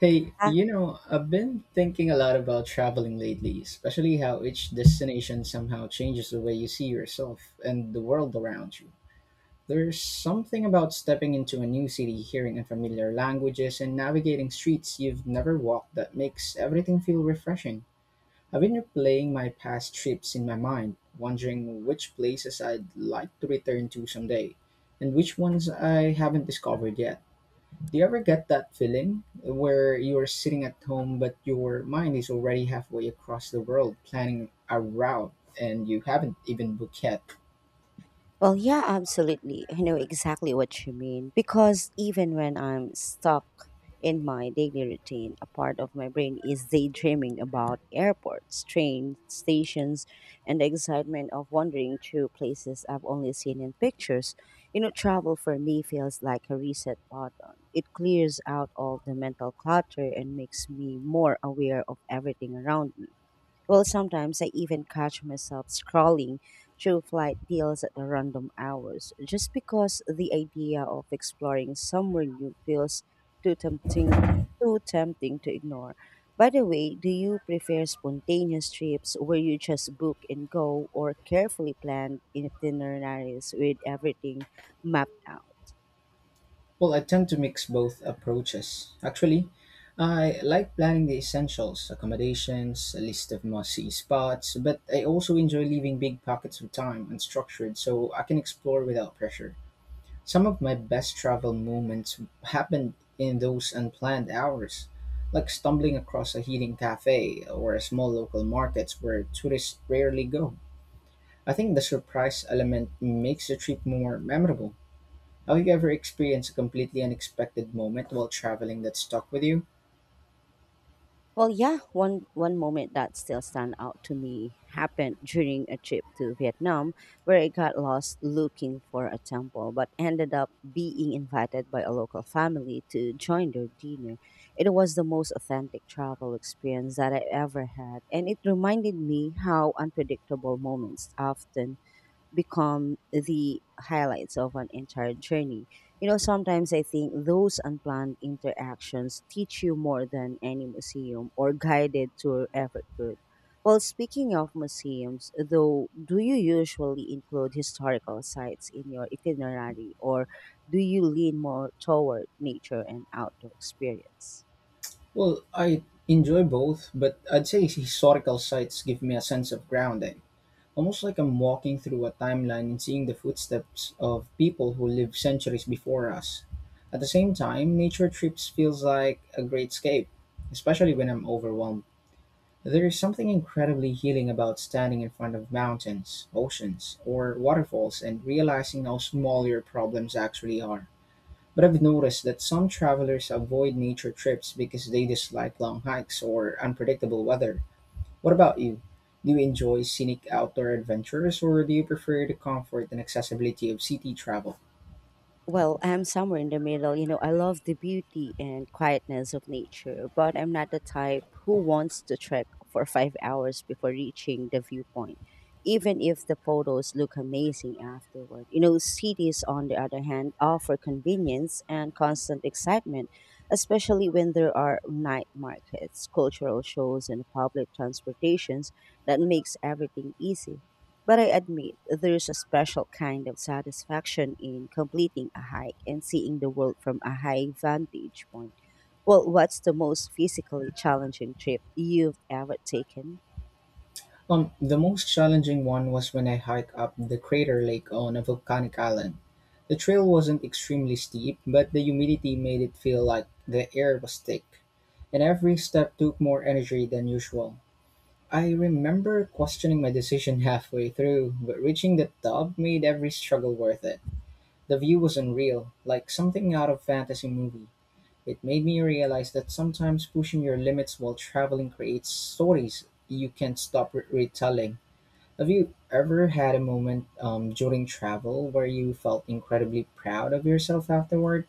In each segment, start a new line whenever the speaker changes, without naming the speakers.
Hey,
Uh,
you know, I've been thinking a lot about traveling lately, especially how each destination somehow changes the way you see yourself and the world around you. There's something about stepping into a new city, hearing unfamiliar languages, and navigating streets you've never walked that makes everything feel refreshing. I've been replaying my past trips in my mind, wondering which places I'd like to return to someday, and which ones I haven't discovered yet. Do you ever get that feeling where you're sitting at home but your mind is already halfway across the world planning a route and you haven't even booked yet?
yeah, absolutely. I know exactly what you mean, because even when I'm stuck in my daily routine, a part of my brain is daydreaming about airports, train stations, and the excitement of wandering through places I've only seen in pictures. Travel for me feels like a reset button. It clears out all the mental clutter and makes me more aware of everything around me. Sometimes I even catch myself scrolling through flight deals at the random hours just because the idea of exploring somewhere new feels too tempting, too tempting to ignore. By the way, do you prefer spontaneous trips where you just book and go, or carefully planned itineraries with everything mapped out?
Well, I tend to mix both approaches. Actually, I like planning the essentials, accommodations, a list of must-see spots, but I also enjoy leaving big pockets of time unstructured so I can explore without pressure. Some of my best travel moments happened in those unplanned hours, like stumbling across a hidden cafe or a small local market where tourists rarely go. I think the surprise element makes the trip more memorable. Have you ever experienced a completely unexpected moment while traveling that stuck with you?
Yeah, one moment that still stand out to me happened during a trip to Vietnam, where I got lost looking for a temple but ended up being invited by a local family to join their dinner. It was the most authentic travel experience that I ever had, and it reminded me how unpredictable moments often become the highlights of an entire journey. Sometimes I think those unplanned interactions teach you more than any museum or guided tour ever could. Speaking of museums, though, do you usually include historical sites in your itinerary, or do you lean more toward nature and outdoor experience?
Well, I enjoy both, but I'd say historical sites give me a sense of grounding. Almost like I'm walking through a timeline and seeing the footsteps of people who lived centuries before us. At the same time, nature trips feels like a great escape, especially when I'm overwhelmed. There is something incredibly healing about standing in front of mountains, oceans, or waterfalls and realizing how small your problems actually are. But I've noticed that some travelers avoid nature trips because they dislike long hikes or unpredictable weather. What about you? Do you enjoy scenic outdoor adventures or do you prefer the comfort and accessibility of city travel?
I'm somewhere in the middle. I love the beauty and quietness of nature, but I'm not the type who wants to trek for 5 hours before reaching the viewpoint, even if the photos look amazing afterward. Cities, on the other hand, offer convenience and constant excitement, especially when there are night markets, cultural shows, and public transportations that makes everything easy. But I admit there's a special kind of satisfaction in completing a hike and seeing the world from a high vantage point. What's the most physically challenging trip you've ever taken?
The most challenging one was when I hiked up the crater lake on a volcanic island. The trail wasn't extremely steep, but the humidity made it feel like the air was thick, and every step took more energy than usual. I remember questioning my decision halfway through, but reaching the top made every struggle worth it. The view was unreal, like something out of fantasy movie. It made me realize that sometimes pushing your limits while traveling creates stories you can't stop retelling. Have you ever had a moment during travel where you felt incredibly proud of yourself afterward?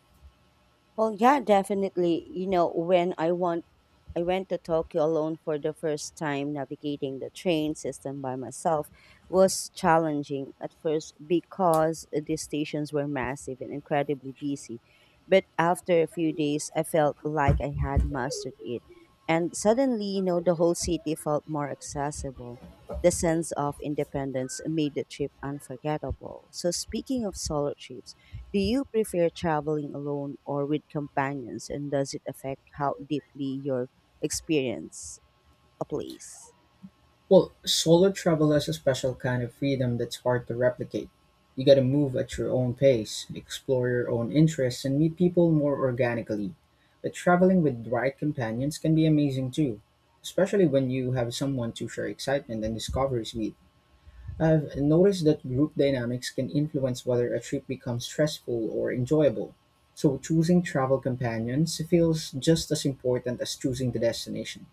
Yeah, definitely. You know, when I want I went to Tokyo alone for the first time. Navigating the train system by myself was challenging at first because the stations were massive and incredibly busy. But after a few days, I felt like I had mastered it. And suddenly, the whole city felt more accessible. The sense of independence made the trip unforgettable. So, speaking of solo trips, do you prefer traveling alone or with companions, and does it affect how deeply your experience a place?
Well, solo travel has a special kind of freedom that's hard to replicate. You gotta move at your own pace, explore your own interests, and meet people more organically. But traveling with the right companions can be amazing too, especially when you have someone to share excitement and discoveries with. I've noticed that group dynamics can influence whether a trip becomes stressful or enjoyable. So choosing travel companions feels just as important as choosing the destination.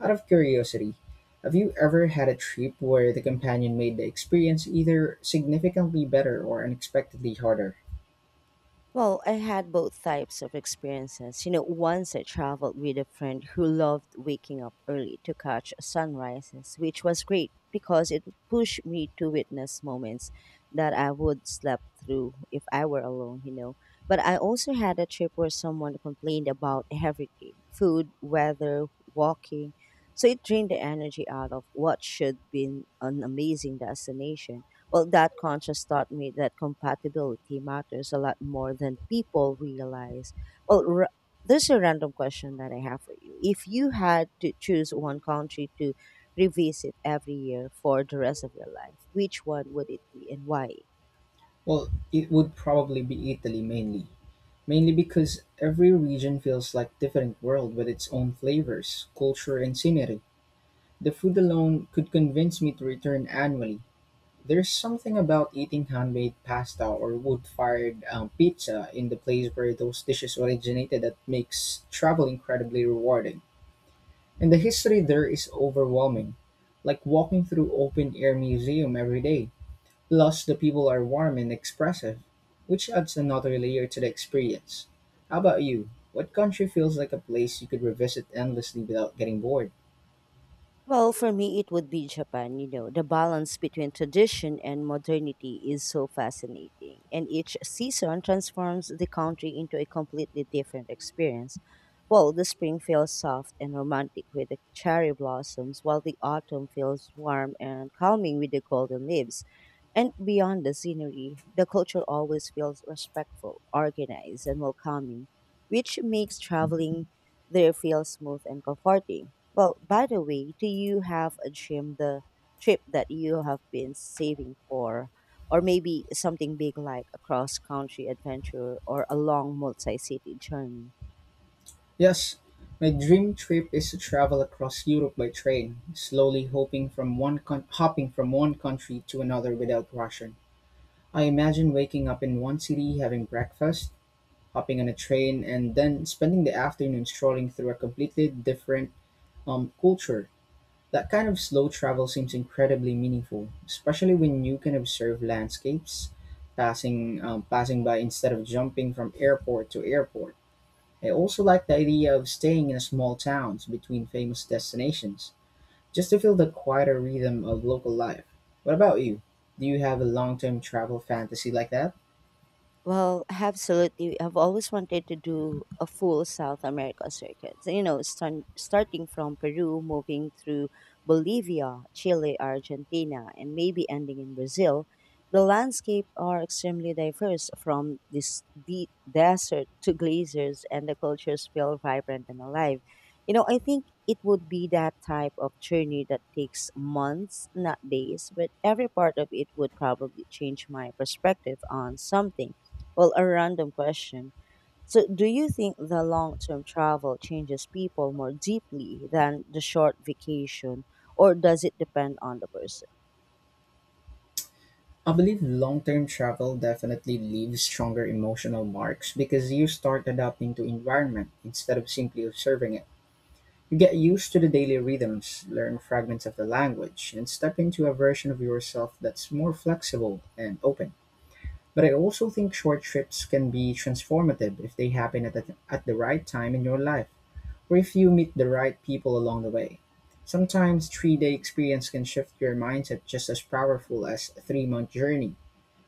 Out of curiosity, have you ever had a trip where the companion made the experience either significantly better or unexpectedly harder?
I had both types of experiences. Once I traveled with a friend who loved waking up early to catch sunrises, which was great because it pushed me to witness moments that I would slept through if I were alone. But I also had a trip where someone complained about everything: food, weather, walking. So it drained the energy out of what should be an amazing destination. That conscious taught me that compatibility matters a lot more than people realize. Well, r- there's a random question that I have for you. If you had to choose one country to revisit every year for the rest of your life, which one would it be and why?
Well, it would probably be Italy mainly. Mainly because every region feels like different world with its own flavors, culture, and scenery. The food alone could convince me to return annually. There's something about eating handmade pasta or wood fired pizza in the place where those dishes originated that makes travel incredibly rewarding. And the history there is overwhelming, like walking through open air museum every day. Plus, the people are warm and expressive, which adds another layer to the experience. How about you? What country feels like a place you could revisit endlessly without getting bored?
For me, it would be Japan. The balance between tradition and modernity is so fascinating, and each season transforms the country into a completely different experience. The spring feels soft and romantic with the cherry blossoms, while the autumn feels warm and calming with the golden leaves. And beyond the scenery, the culture always feels respectful, organized, and welcoming, which makes traveling there feel smooth and comforting. By the way, do you have a dream the trip that you have been saving for? Or maybe something big like a cross country adventure or a long multi city journey?
Yes, my dream trip is to travel across Europe by train, slowly hoping from one con- hopping from one country to another without rushing. I imagine waking up in one city, having breakfast, hopping on a train, and then spending the afternoon strolling through a completely different culture. That kind of slow travel seems incredibly meaningful, especially when you can observe landscapes passing by instead of jumping from airport to airport. I also like the idea of staying in a small towns between famous destinations, just to feel the quieter rhythm of local life. What about you? Do you have a long term travel fantasy like that?
Absolutely. I've always wanted to do a full South America circuit. So, starting from Peru, moving through Bolivia, Chile, Argentina, and maybe ending in Brazil. The landscape are extremely diverse, from this deep desert to glaciers, and the cultures feel vibrant and alive. I think it would be that type of journey that takes months, not days, but every part of it would probably change my perspective on something. A random question: so, do you think the long term travel changes people more deeply than the short vacation, or does it depend on the person?
I believe long term travel definitely leaves stronger emotional marks because you start adapting to environment instead of simply observing it. You get used to the daily rhythms, learn fragments of the language, and step into a version of yourself that's more flexible and open. But I also think short trips can be transformative if they happen at the right time in your life or if you meet the right people along the way. Sometimes three-day experience can shift your mindset just as powerful as a three-month journey.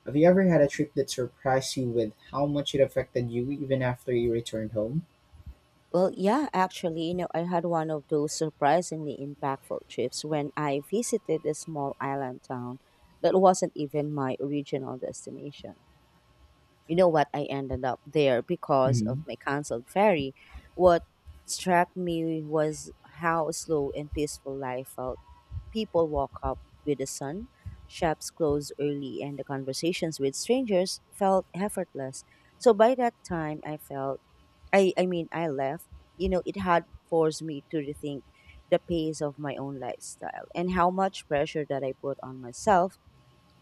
Have you ever had a trip that surprised you with how much it affected you even after you returned home?
Yeah, actually, I had one of those surprisingly impactful trips when I visited a small island town that wasn't even my original destination. You know what? I ended up there because of
Hmm.
my canceled ferry. What struck me was how slow and peaceful life felt. People woke up with the sun, shops closed early, and the conversations with strangers felt effortless. So by that time, I felt I mean, I left. It had forced me to rethink the pace of my own lifestyle and how much pressure that I put on myself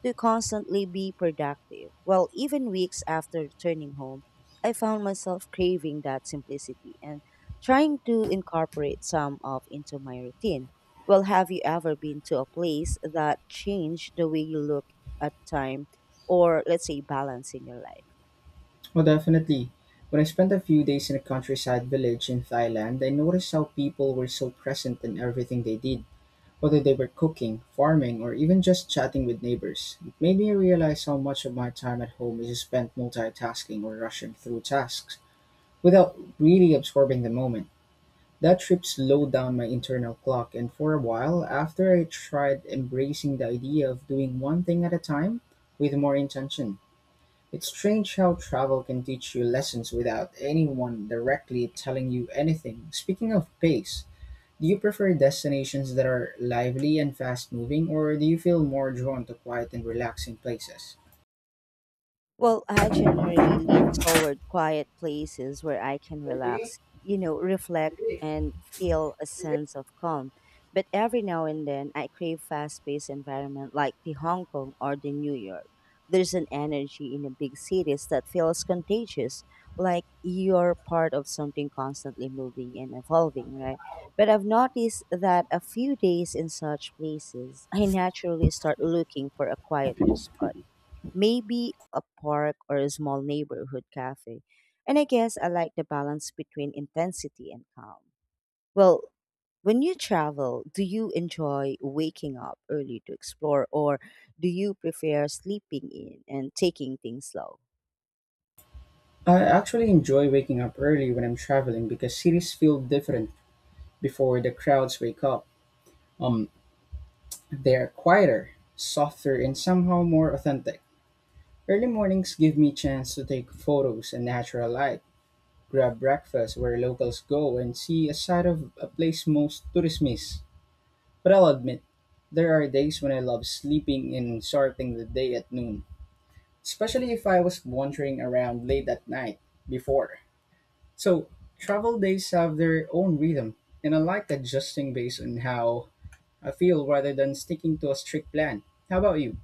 to constantly be productive. Even weeks after returning home, I found myself craving that simplicity and trying to incorporate some of into my routine. Have you ever been to a place that changed the way you look at time, or let's say balance in your life?
Well, definitely. When I spent a few days in a countryside village in Thailand, I noticed how people were so present in everything they did. Whether they were cooking, farming, or even just chatting with neighbors, it made me realize how much of my time at home is spent multitasking or rushing through tasks without really absorbing the moment. That trip slowed down my internal clock, and for a while after, I tried embracing the idea of doing one thing at a time with more intention. It's strange how travel can teach you lessons without anyone directly telling you anything. Speaking of pace, do you prefer destinations that are lively and fast moving, or do you feel more drawn to quiet and relaxing places?
I generally lean toward quiet places where I can relax, reflect and feel a sense of calm. But every now and then I crave fast-paced environment like the Hong Kong or the New York. There's an energy in the big cities that feels contagious, like you're part of something constantly moving and evolving, right? But I've noticed that a few days in such places, I naturally start looking for a quieter spot, maybe a park or a small neighborhood cafe. And I guess I like the balance between intensity and calm. Well, when you travel, do you enjoy waking up early to explore, or do you prefer sleeping in and taking things slow?
I actually enjoy waking up early when I'm traveling because cities feel different before the crowds wake up. Um, they're quieter, softer, and somehow more authentic. Early mornings give me a chance to take photos in natural light, grab breakfast where locals go, and see a side of a place most tourists miss. But I'll admit, there are days when I love sleeping and starting the day at noon, especially if I was wandering around late at night before. So, travel days have their own rhythm, and I like adjusting based on how I feel rather than sticking to a strict plan. How about you?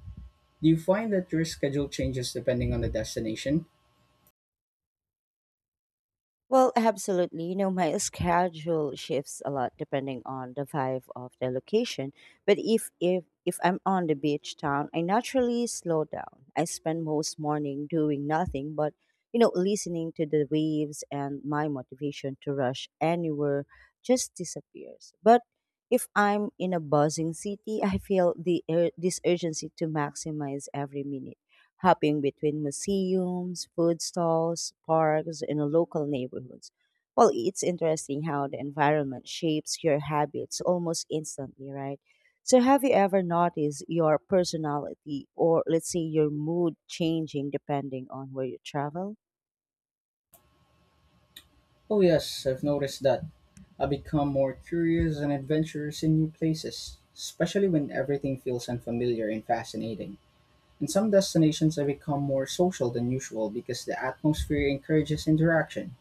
Do you find that your schedule changes depending on the destination?
Absolutely. My schedule shifts a lot depending on the vibe of the location. But if I'm on the beach town, I naturally slow down. I spend most morning doing nothing but, listening to the waves, and my motivation to rush anywhere just disappears. But if I'm in a buzzing city, I feel this urgency to maximize every minute, hopping between museums, food stalls, parks, and local neighborhoods. It's interesting how the environment shapes your habits almost instantly, right? So, have you ever noticed your personality, or, let's say, your mood changing depending on where you travel?
Oh, yes, I've noticed that. I become more curious and adventurous in new places, especially when everything feels unfamiliar and fascinating. In some destinations, I become more social than usual because the atmosphere encourages interaction,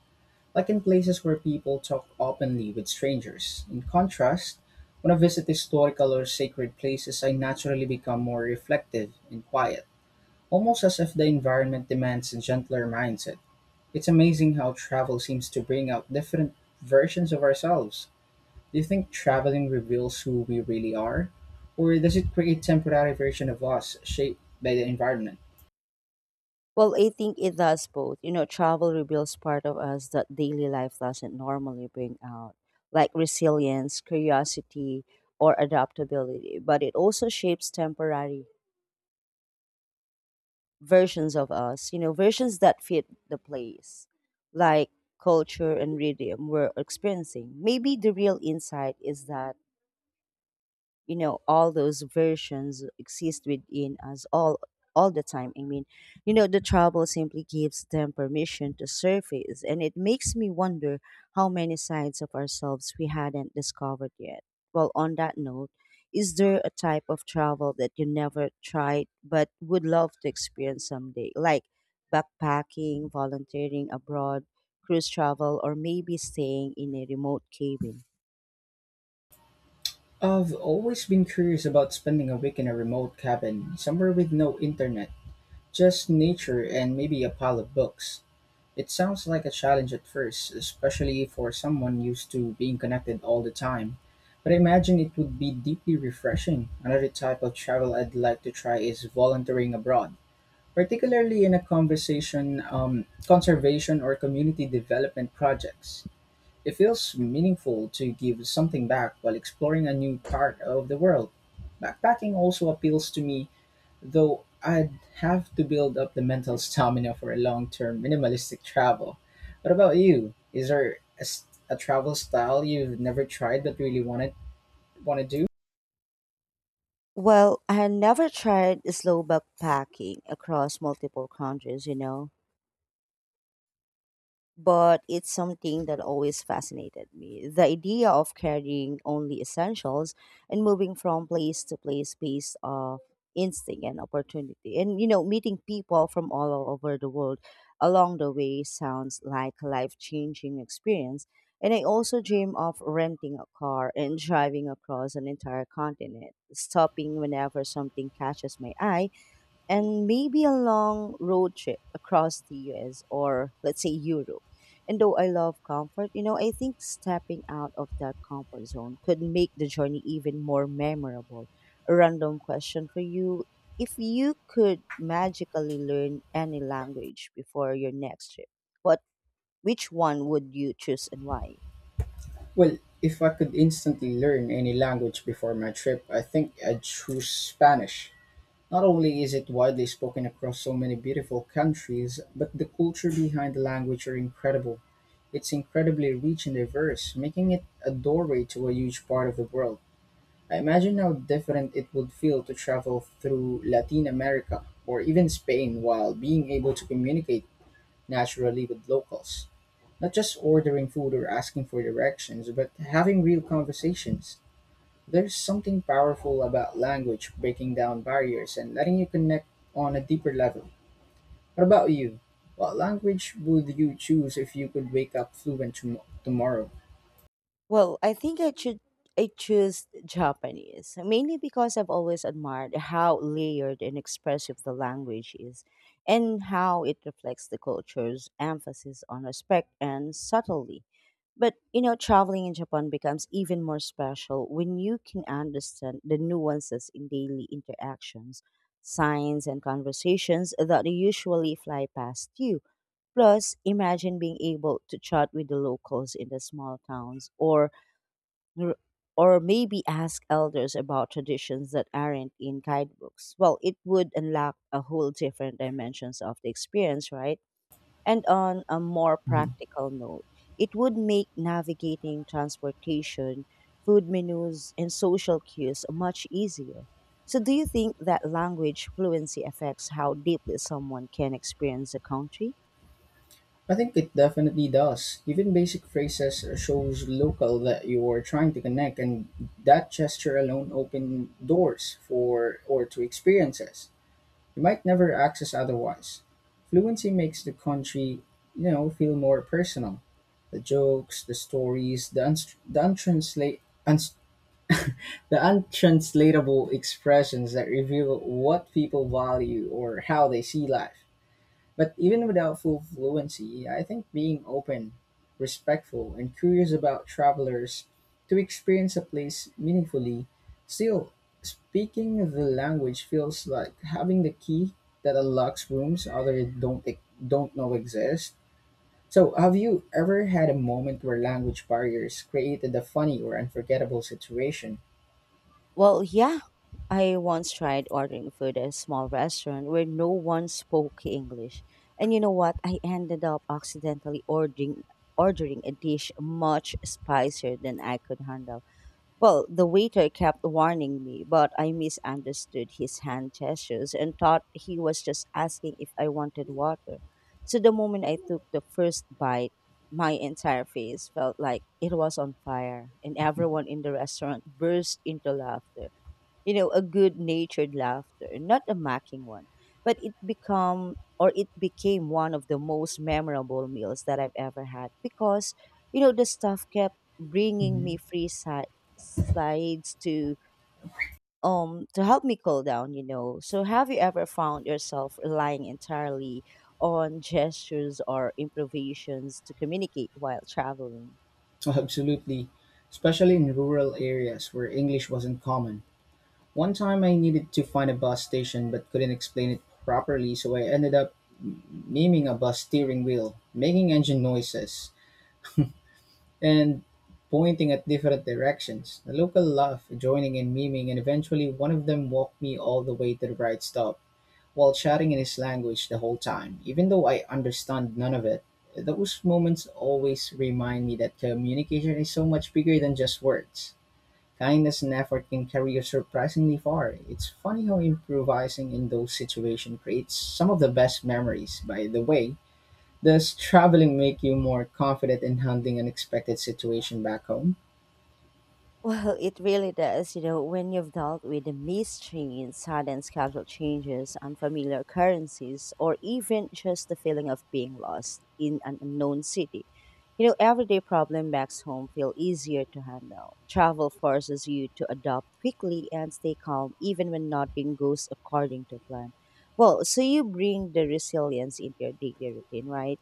like in places where people talk openly with strangers. In contrast, when I visit historical or sacred places, I naturally become more reflective and quiet, almost as if the environment demands a gentler mindset. It's amazing how travel seems to bring out different versions of ourselves. Do you think traveling reveals who we really are? Or does it create temporary version of us shaped by the environment?
I think it does both. Travel reveals part of us that daily life doesn't normally bring out, like resilience, curiosity, or adaptability, but it also shapes temporary versions of us, versions that fit the place, like culture and rhythm we're experiencing. Maybe the real insight is that all those versions exist within us all the time. I mean, the trouble simply gives them permission to surface, and it makes me wonder how many sides of ourselves we hadn't discovered yet. Well, on that note, is there a type of travel that you never tried but would love to experience someday, like backpacking, volunteering abroad, cruise travel, or maybe staying in a remote cabin?
I've always been curious about spending a week in a remote cabin, somewhere with no internet, just nature and maybe a pile of books. It sounds like a challenge at first, especially for someone used to being connected all the time. But I imagine it would be deeply refreshing. Another type of travel I'd like to try is volunteering abroad, particularly in conservation or community development projects. It feels meaningful to give something back while exploring a new part of the world. Backpacking also appeals to me, though I'd have to build up the mental stamina for a long term minimalistic travel. What about you? Is there a travel style you've never tried but really want to do?
I had never tried slow backpacking across multiple countries, but it's something that always fascinated me. The idea of carrying only essentials and moving from place to place based off instinct and opportunity. And meeting people from all over the world along the way sounds like a life changing experience. And I also dream of renting a car and driving across an entire continent, stopping whenever something catches my eye, and maybe a long road trip across the US, or let's say Europe. And though I love comfort, I think stepping out of that comfort zone could make the journey even more memorable. A random question for you: if you could magically learn any language before your next trip, what which one would you choose and why?
Well, if I could instantly learn any language before my trip, I think I'd choose Spanish. Not only is it widely spoken across so many beautiful countries, but the culture behind the language are incredible. It's incredibly rich and diverse, making it a doorway to a huge part of the world. I imagine how different it would feel to travel through Latin America or even Spain while being able to communicate naturally with locals. Not just ordering food or asking for directions, but having real conversations. There's something powerful about language breaking down barriers and letting you connect on a deeper level. What about you? What language would you choose if you could wake up fluent tomorrow?
I think I choose Japanese, mainly because I've always admired how layered and expressive the language is and how it reflects the culture's emphasis on respect and subtlety. But traveling in Japan becomes even more special when you can understand the nuances in daily interactions, signs, and conversations that usually fly past you. Plus, imagine being able to chat with the locals in the small towns, r- or maybe ask elders about traditions that aren't in guidebooks. It would unlock a whole different dimensions of the experience, right? And on a more
Mhm.
practical note, it would make navigating transportation, food menus, and social cues much easier. So, do you think that language fluency affects how deeply someone can experience a country?
I think it definitely does. Even basic phrases shows local that you are trying to connect, and that gesture alone open doors for or to experiences you might never access otherwise. Fluency makes the country, you know, feel more personal. The jokes, the stories, the unstr the untranslate uns- the untranslatable expressions that reveal what people value or how they see life. But even without full fluency, I think being open, respectful, and curious about travelers to experience a place meaningfully, still speaking the language feels like having the key that unlocks rooms others don't know exist. So, have you ever had a moment where language barriers created a funny or unforgettable situation?
Well, yeah. I once tried ordering food at a small restaurant where no one spoke English. And you know what? I ended up accidentally ordering a dish much spicier than I could handle. Well, the waiter kept warning me, but I misunderstood his hand gestures and thought he was just asking if I wanted water. So the moment I took the first bite, my entire face felt like it was on fire, and everyone in the restaurant burst into laughter, you know, a good natured laughter, not a mocking one. But it become or it became one of the most memorable meals that I've ever had because, you know, the staff kept bringing me
Mhm.
free slides to to help me cool down, you know. So have you ever found yourself relying entirely on gestures or improvisations to communicate while traveling?
Absolutely, especially in rural areas where English wasn't common. One time I needed to find a bus station but couldn't explain it properly, so I ended up m- miming a bus steering wheel, making engine noises, and pointing at different directions. The local laughed, joining in miming, and eventually one of them walked me all the way to the right stop while chatting in his language the whole time, even though I understand none of it. Those moments always remind me that communication is so much bigger than just words. Kindness and effort can carry you surprisingly far. It's funny how improvising in those situations creates some of the best memories. By the way, does traveling make you more confident in handling unexpected situation back home?
Well, it really does. You know, when you've dealt with the mistrains, sudden schedule changes, unfamiliar currencies, or even just the feeling of being lost in an unknown city, you know, everyday problem makes home feel easier to handle. Travel forces you to adapt quickly and stay calm, even when nothing goes according to plan. Well, so you bring the resilience into your daily routine, right?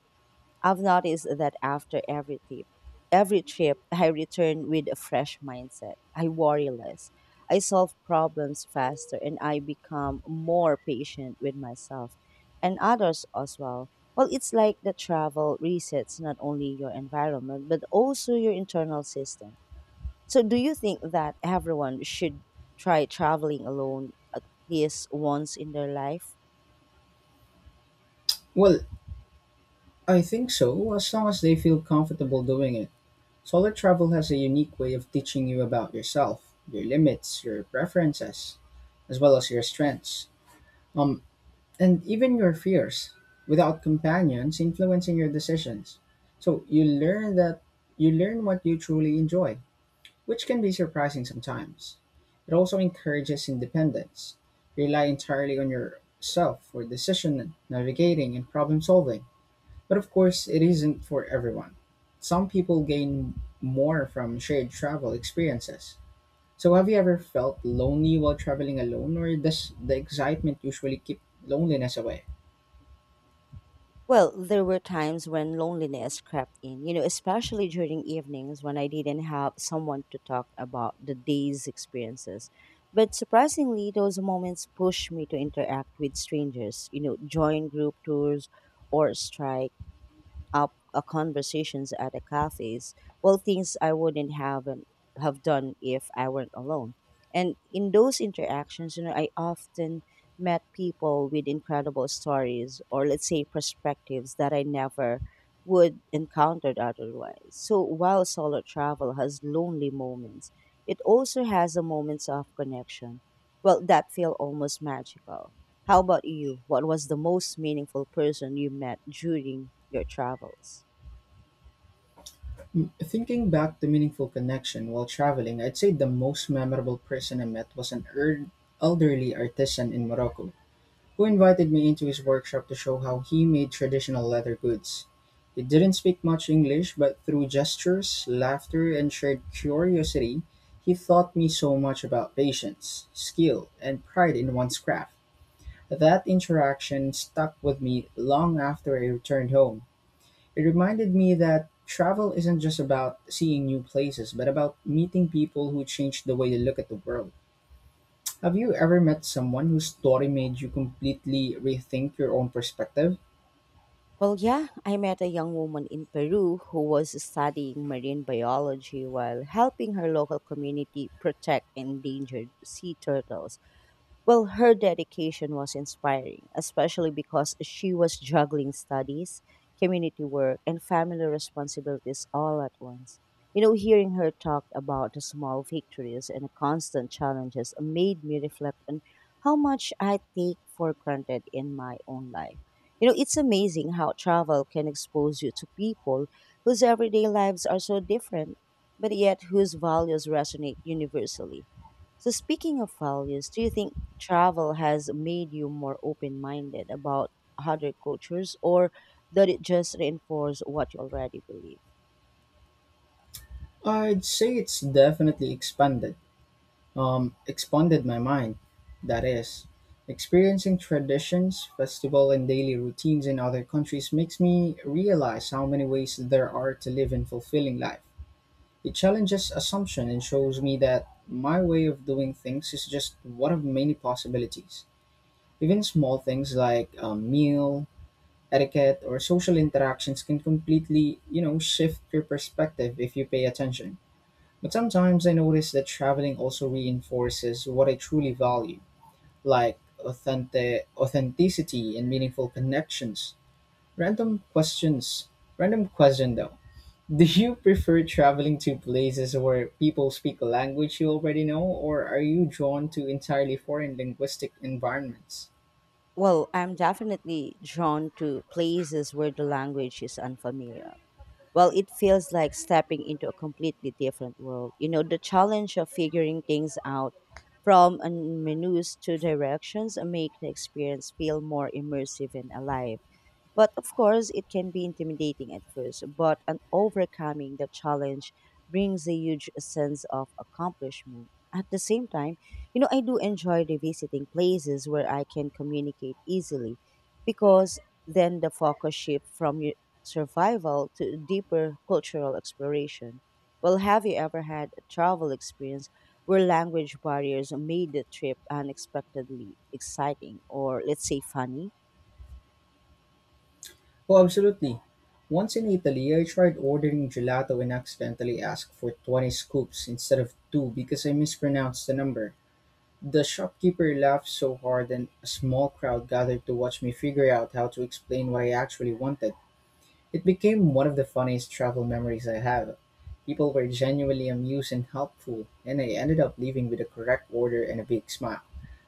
I've noticed that after every trip, I return with a fresh mindset. I worry less. I solve problems faster and I become more patient with myself and others as well. Well, it's like the travel resets not only your environment, but also your internal system. So, do you think that everyone should try traveling alone at least once in their life?
Well, I think so, as long as they feel comfortable doing it. Solo travel has a unique way of teaching you about yourself, your limits, your preferences, as well as your strengths. Um, and even your fears without companions influencing your decisions. So you learn what you truly enjoy, which can be surprising sometimes. It also encourages independence. Rely entirely on yourself for decision navigating and problem solving. But of course, it isn't for everyone. Some people gain more from shared travel experiences. So have you ever felt lonely while traveling alone or does the excitement usually keep loneliness away?
Well, there were times when loneliness crept in, you know, especially during evenings when I didn't have someone to talk about the day's experiences. But surprisingly, those moments pushed me to interact with strangers, you know, join group tours or strike up conversations at the cafes. Well, things I wouldn't have and have done if I weren't alone. And in those interactions, you know, I often met people with incredible stories or let's say perspectives that I never would encountered otherwise. So while solo travel has lonely moments, it also has a moments of connection. Well, that feel almost magical. How about you? What was the most meaningful person you met during your travels?
Mm, thinking back to meaningful connection while traveling, I'd say the most memorable person I met was an elderly artisan in Morocco who invited me into his workshop to show how he made traditional leather goods. He didn't speak much English, but through gestures, laughter, and shared curiosity, he taught me so much about patience, skill, and pride in one's craft. That interaction stuck with me long after I returned home. It reminded me that travel isn't just about seeing new places, but about meeting people who change the way you look at the world. Have you ever met someone whose story made you completely rethink your own perspective?
Well, yeah, I met a young woman in Peru who was studying marine biology while helping her local community protect endangered sea turtles. Well, her dedication was inspiring, especially because she was juggling studies, community work, and family responsibilities all at once. You know, hearing her talk about the small victories and the constant challenges made me reflect on how much I take for granted in my own life. You know, it's amazing how travel can expose you to people whose everyday lives are so different, but yet whose values resonate universally. So, speaking of values, do you think travel has made you more open minded about other cultures, or did it just reinforce what you already believe?
I'd say it's definitely expanded. Expanded my mind, that is. Experiencing traditions, festival, and daily routines in other countries makes me realize how many ways there are to live and fulfilling life. It challenges assumption and shows me that my way of doing things is just one of many possibilities. Even small things like a meal, etiquette, or social interactions can completely, you know, shift your perspective if you pay attention. But sometimes I notice that traveling also reinforces what I truly value, like authenticity and meaningful connections. Random questions, random question though, do you prefer traveling to places where people speak a language you already know, or are you drawn to entirely foreign linguistic environments?
Well, I'm definitely drawn to places where the language is unfamiliar. Well, it feels like stepping into a completely different world. You know, the challenge of figuring things out from a menus to directions make the experience feel more immersive and alive. But of course, it can be intimidating at first, but an overcoming the challenge brings a huge sense of accomplishment. At the same time, you know, I do enjoy revisiting places where I can communicate easily because then the focus shift from survival to deeper cultural exploration. Well, have you ever had a travel experience where language barriers made the trip unexpectedly exciting or, let's say, funny?
Oh, absolutely. Once in Italy, I tried ordering gelato and accidentally asked for 20 scoops instead of two because I mispronounced the number. The shopkeeper laughed so hard, and a small crowd gathered to watch me figure out how to explain what I actually wanted. It became one of the funniest travel memories I have. People were genuinely amused and helpful, and I ended up leaving with a correct order and a big smile.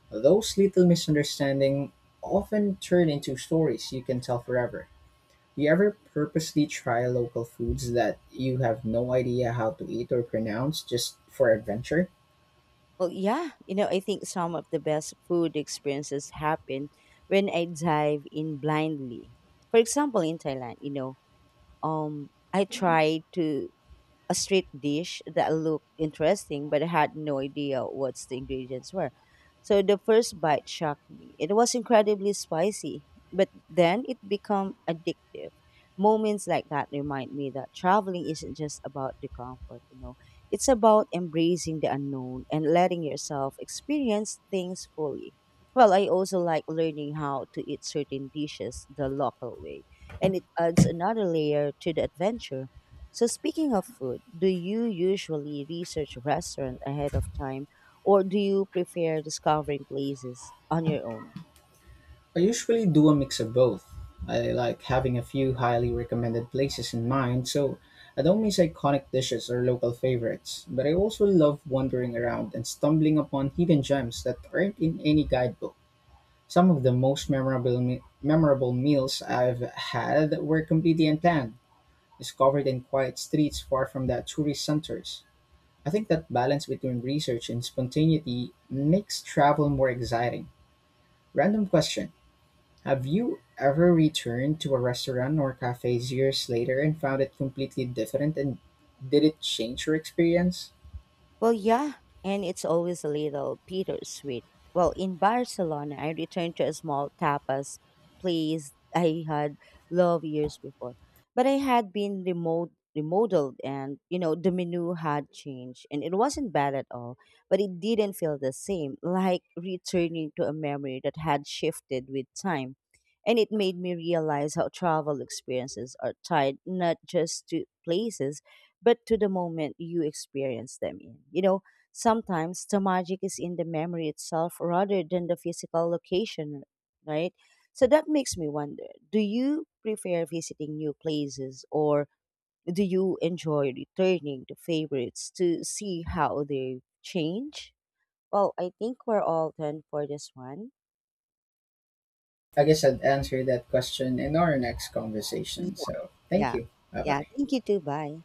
Those little misunderstandings often turn into stories you can tell forever. Do you ever purposely try local foods that you have no idea how to eat or pronounce just for adventure?
Well, yeah, you know, I think some of the best food experiences happen when I dive in blindly. For example, in Thailand, you know, I tried to a street dish that looked interesting, but I had no idea what the ingredients were. So the first bite shocked me. It was incredibly spicy, but then it became addictive. Moments like that remind me that traveling isn't just about the comfort, you know. It's about embracing the unknown and letting yourself experience things fully. Well, I also like learning how to eat certain dishes the local way, and it adds another layer to the adventure. So, speaking of food, do you usually research a restaurant ahead of time or do you prefer discovering places on your own?
I usually do a mix of both. I like having a few highly recommended places in mind, so I don't miss iconic dishes or local favorites, but I also love wandering around and stumbling upon hidden gems that aren't in any guidebook. Some of the most memorable memorable meals I've had were completely unplanned, discovered in quiet streets far from the tourist centers. I think that balance between research and spontaneity makes travel more exciting. Random question. Have you ever returned to a restaurant or cafe years later and found it completely different, and did it change your experience?
Well, yeah, and it's always a little bittersweet. Well, in Barcelona, I returned to a small tapas place I had loved years before, but I had been remote remodeled and you know the menu had changed and it wasn't bad at all, but it didn't feel the same, like returning to a memory that had shifted with time. And it made me realize how travel experiences are tied not just to places but to the moment you experience them in. You know, sometimes the magic is in the memory itself rather than the physical location, right? So that makes me wonder, do you prefer visiting new places or do you enjoy returning to favorites to see how they change? Well, I think we're all done for this one.
I guess I'd answer that question in our next
Yeah.
conversation. So thank
Yeah.
you. Bye
Yeah.
bye.
Thank you too. Bye.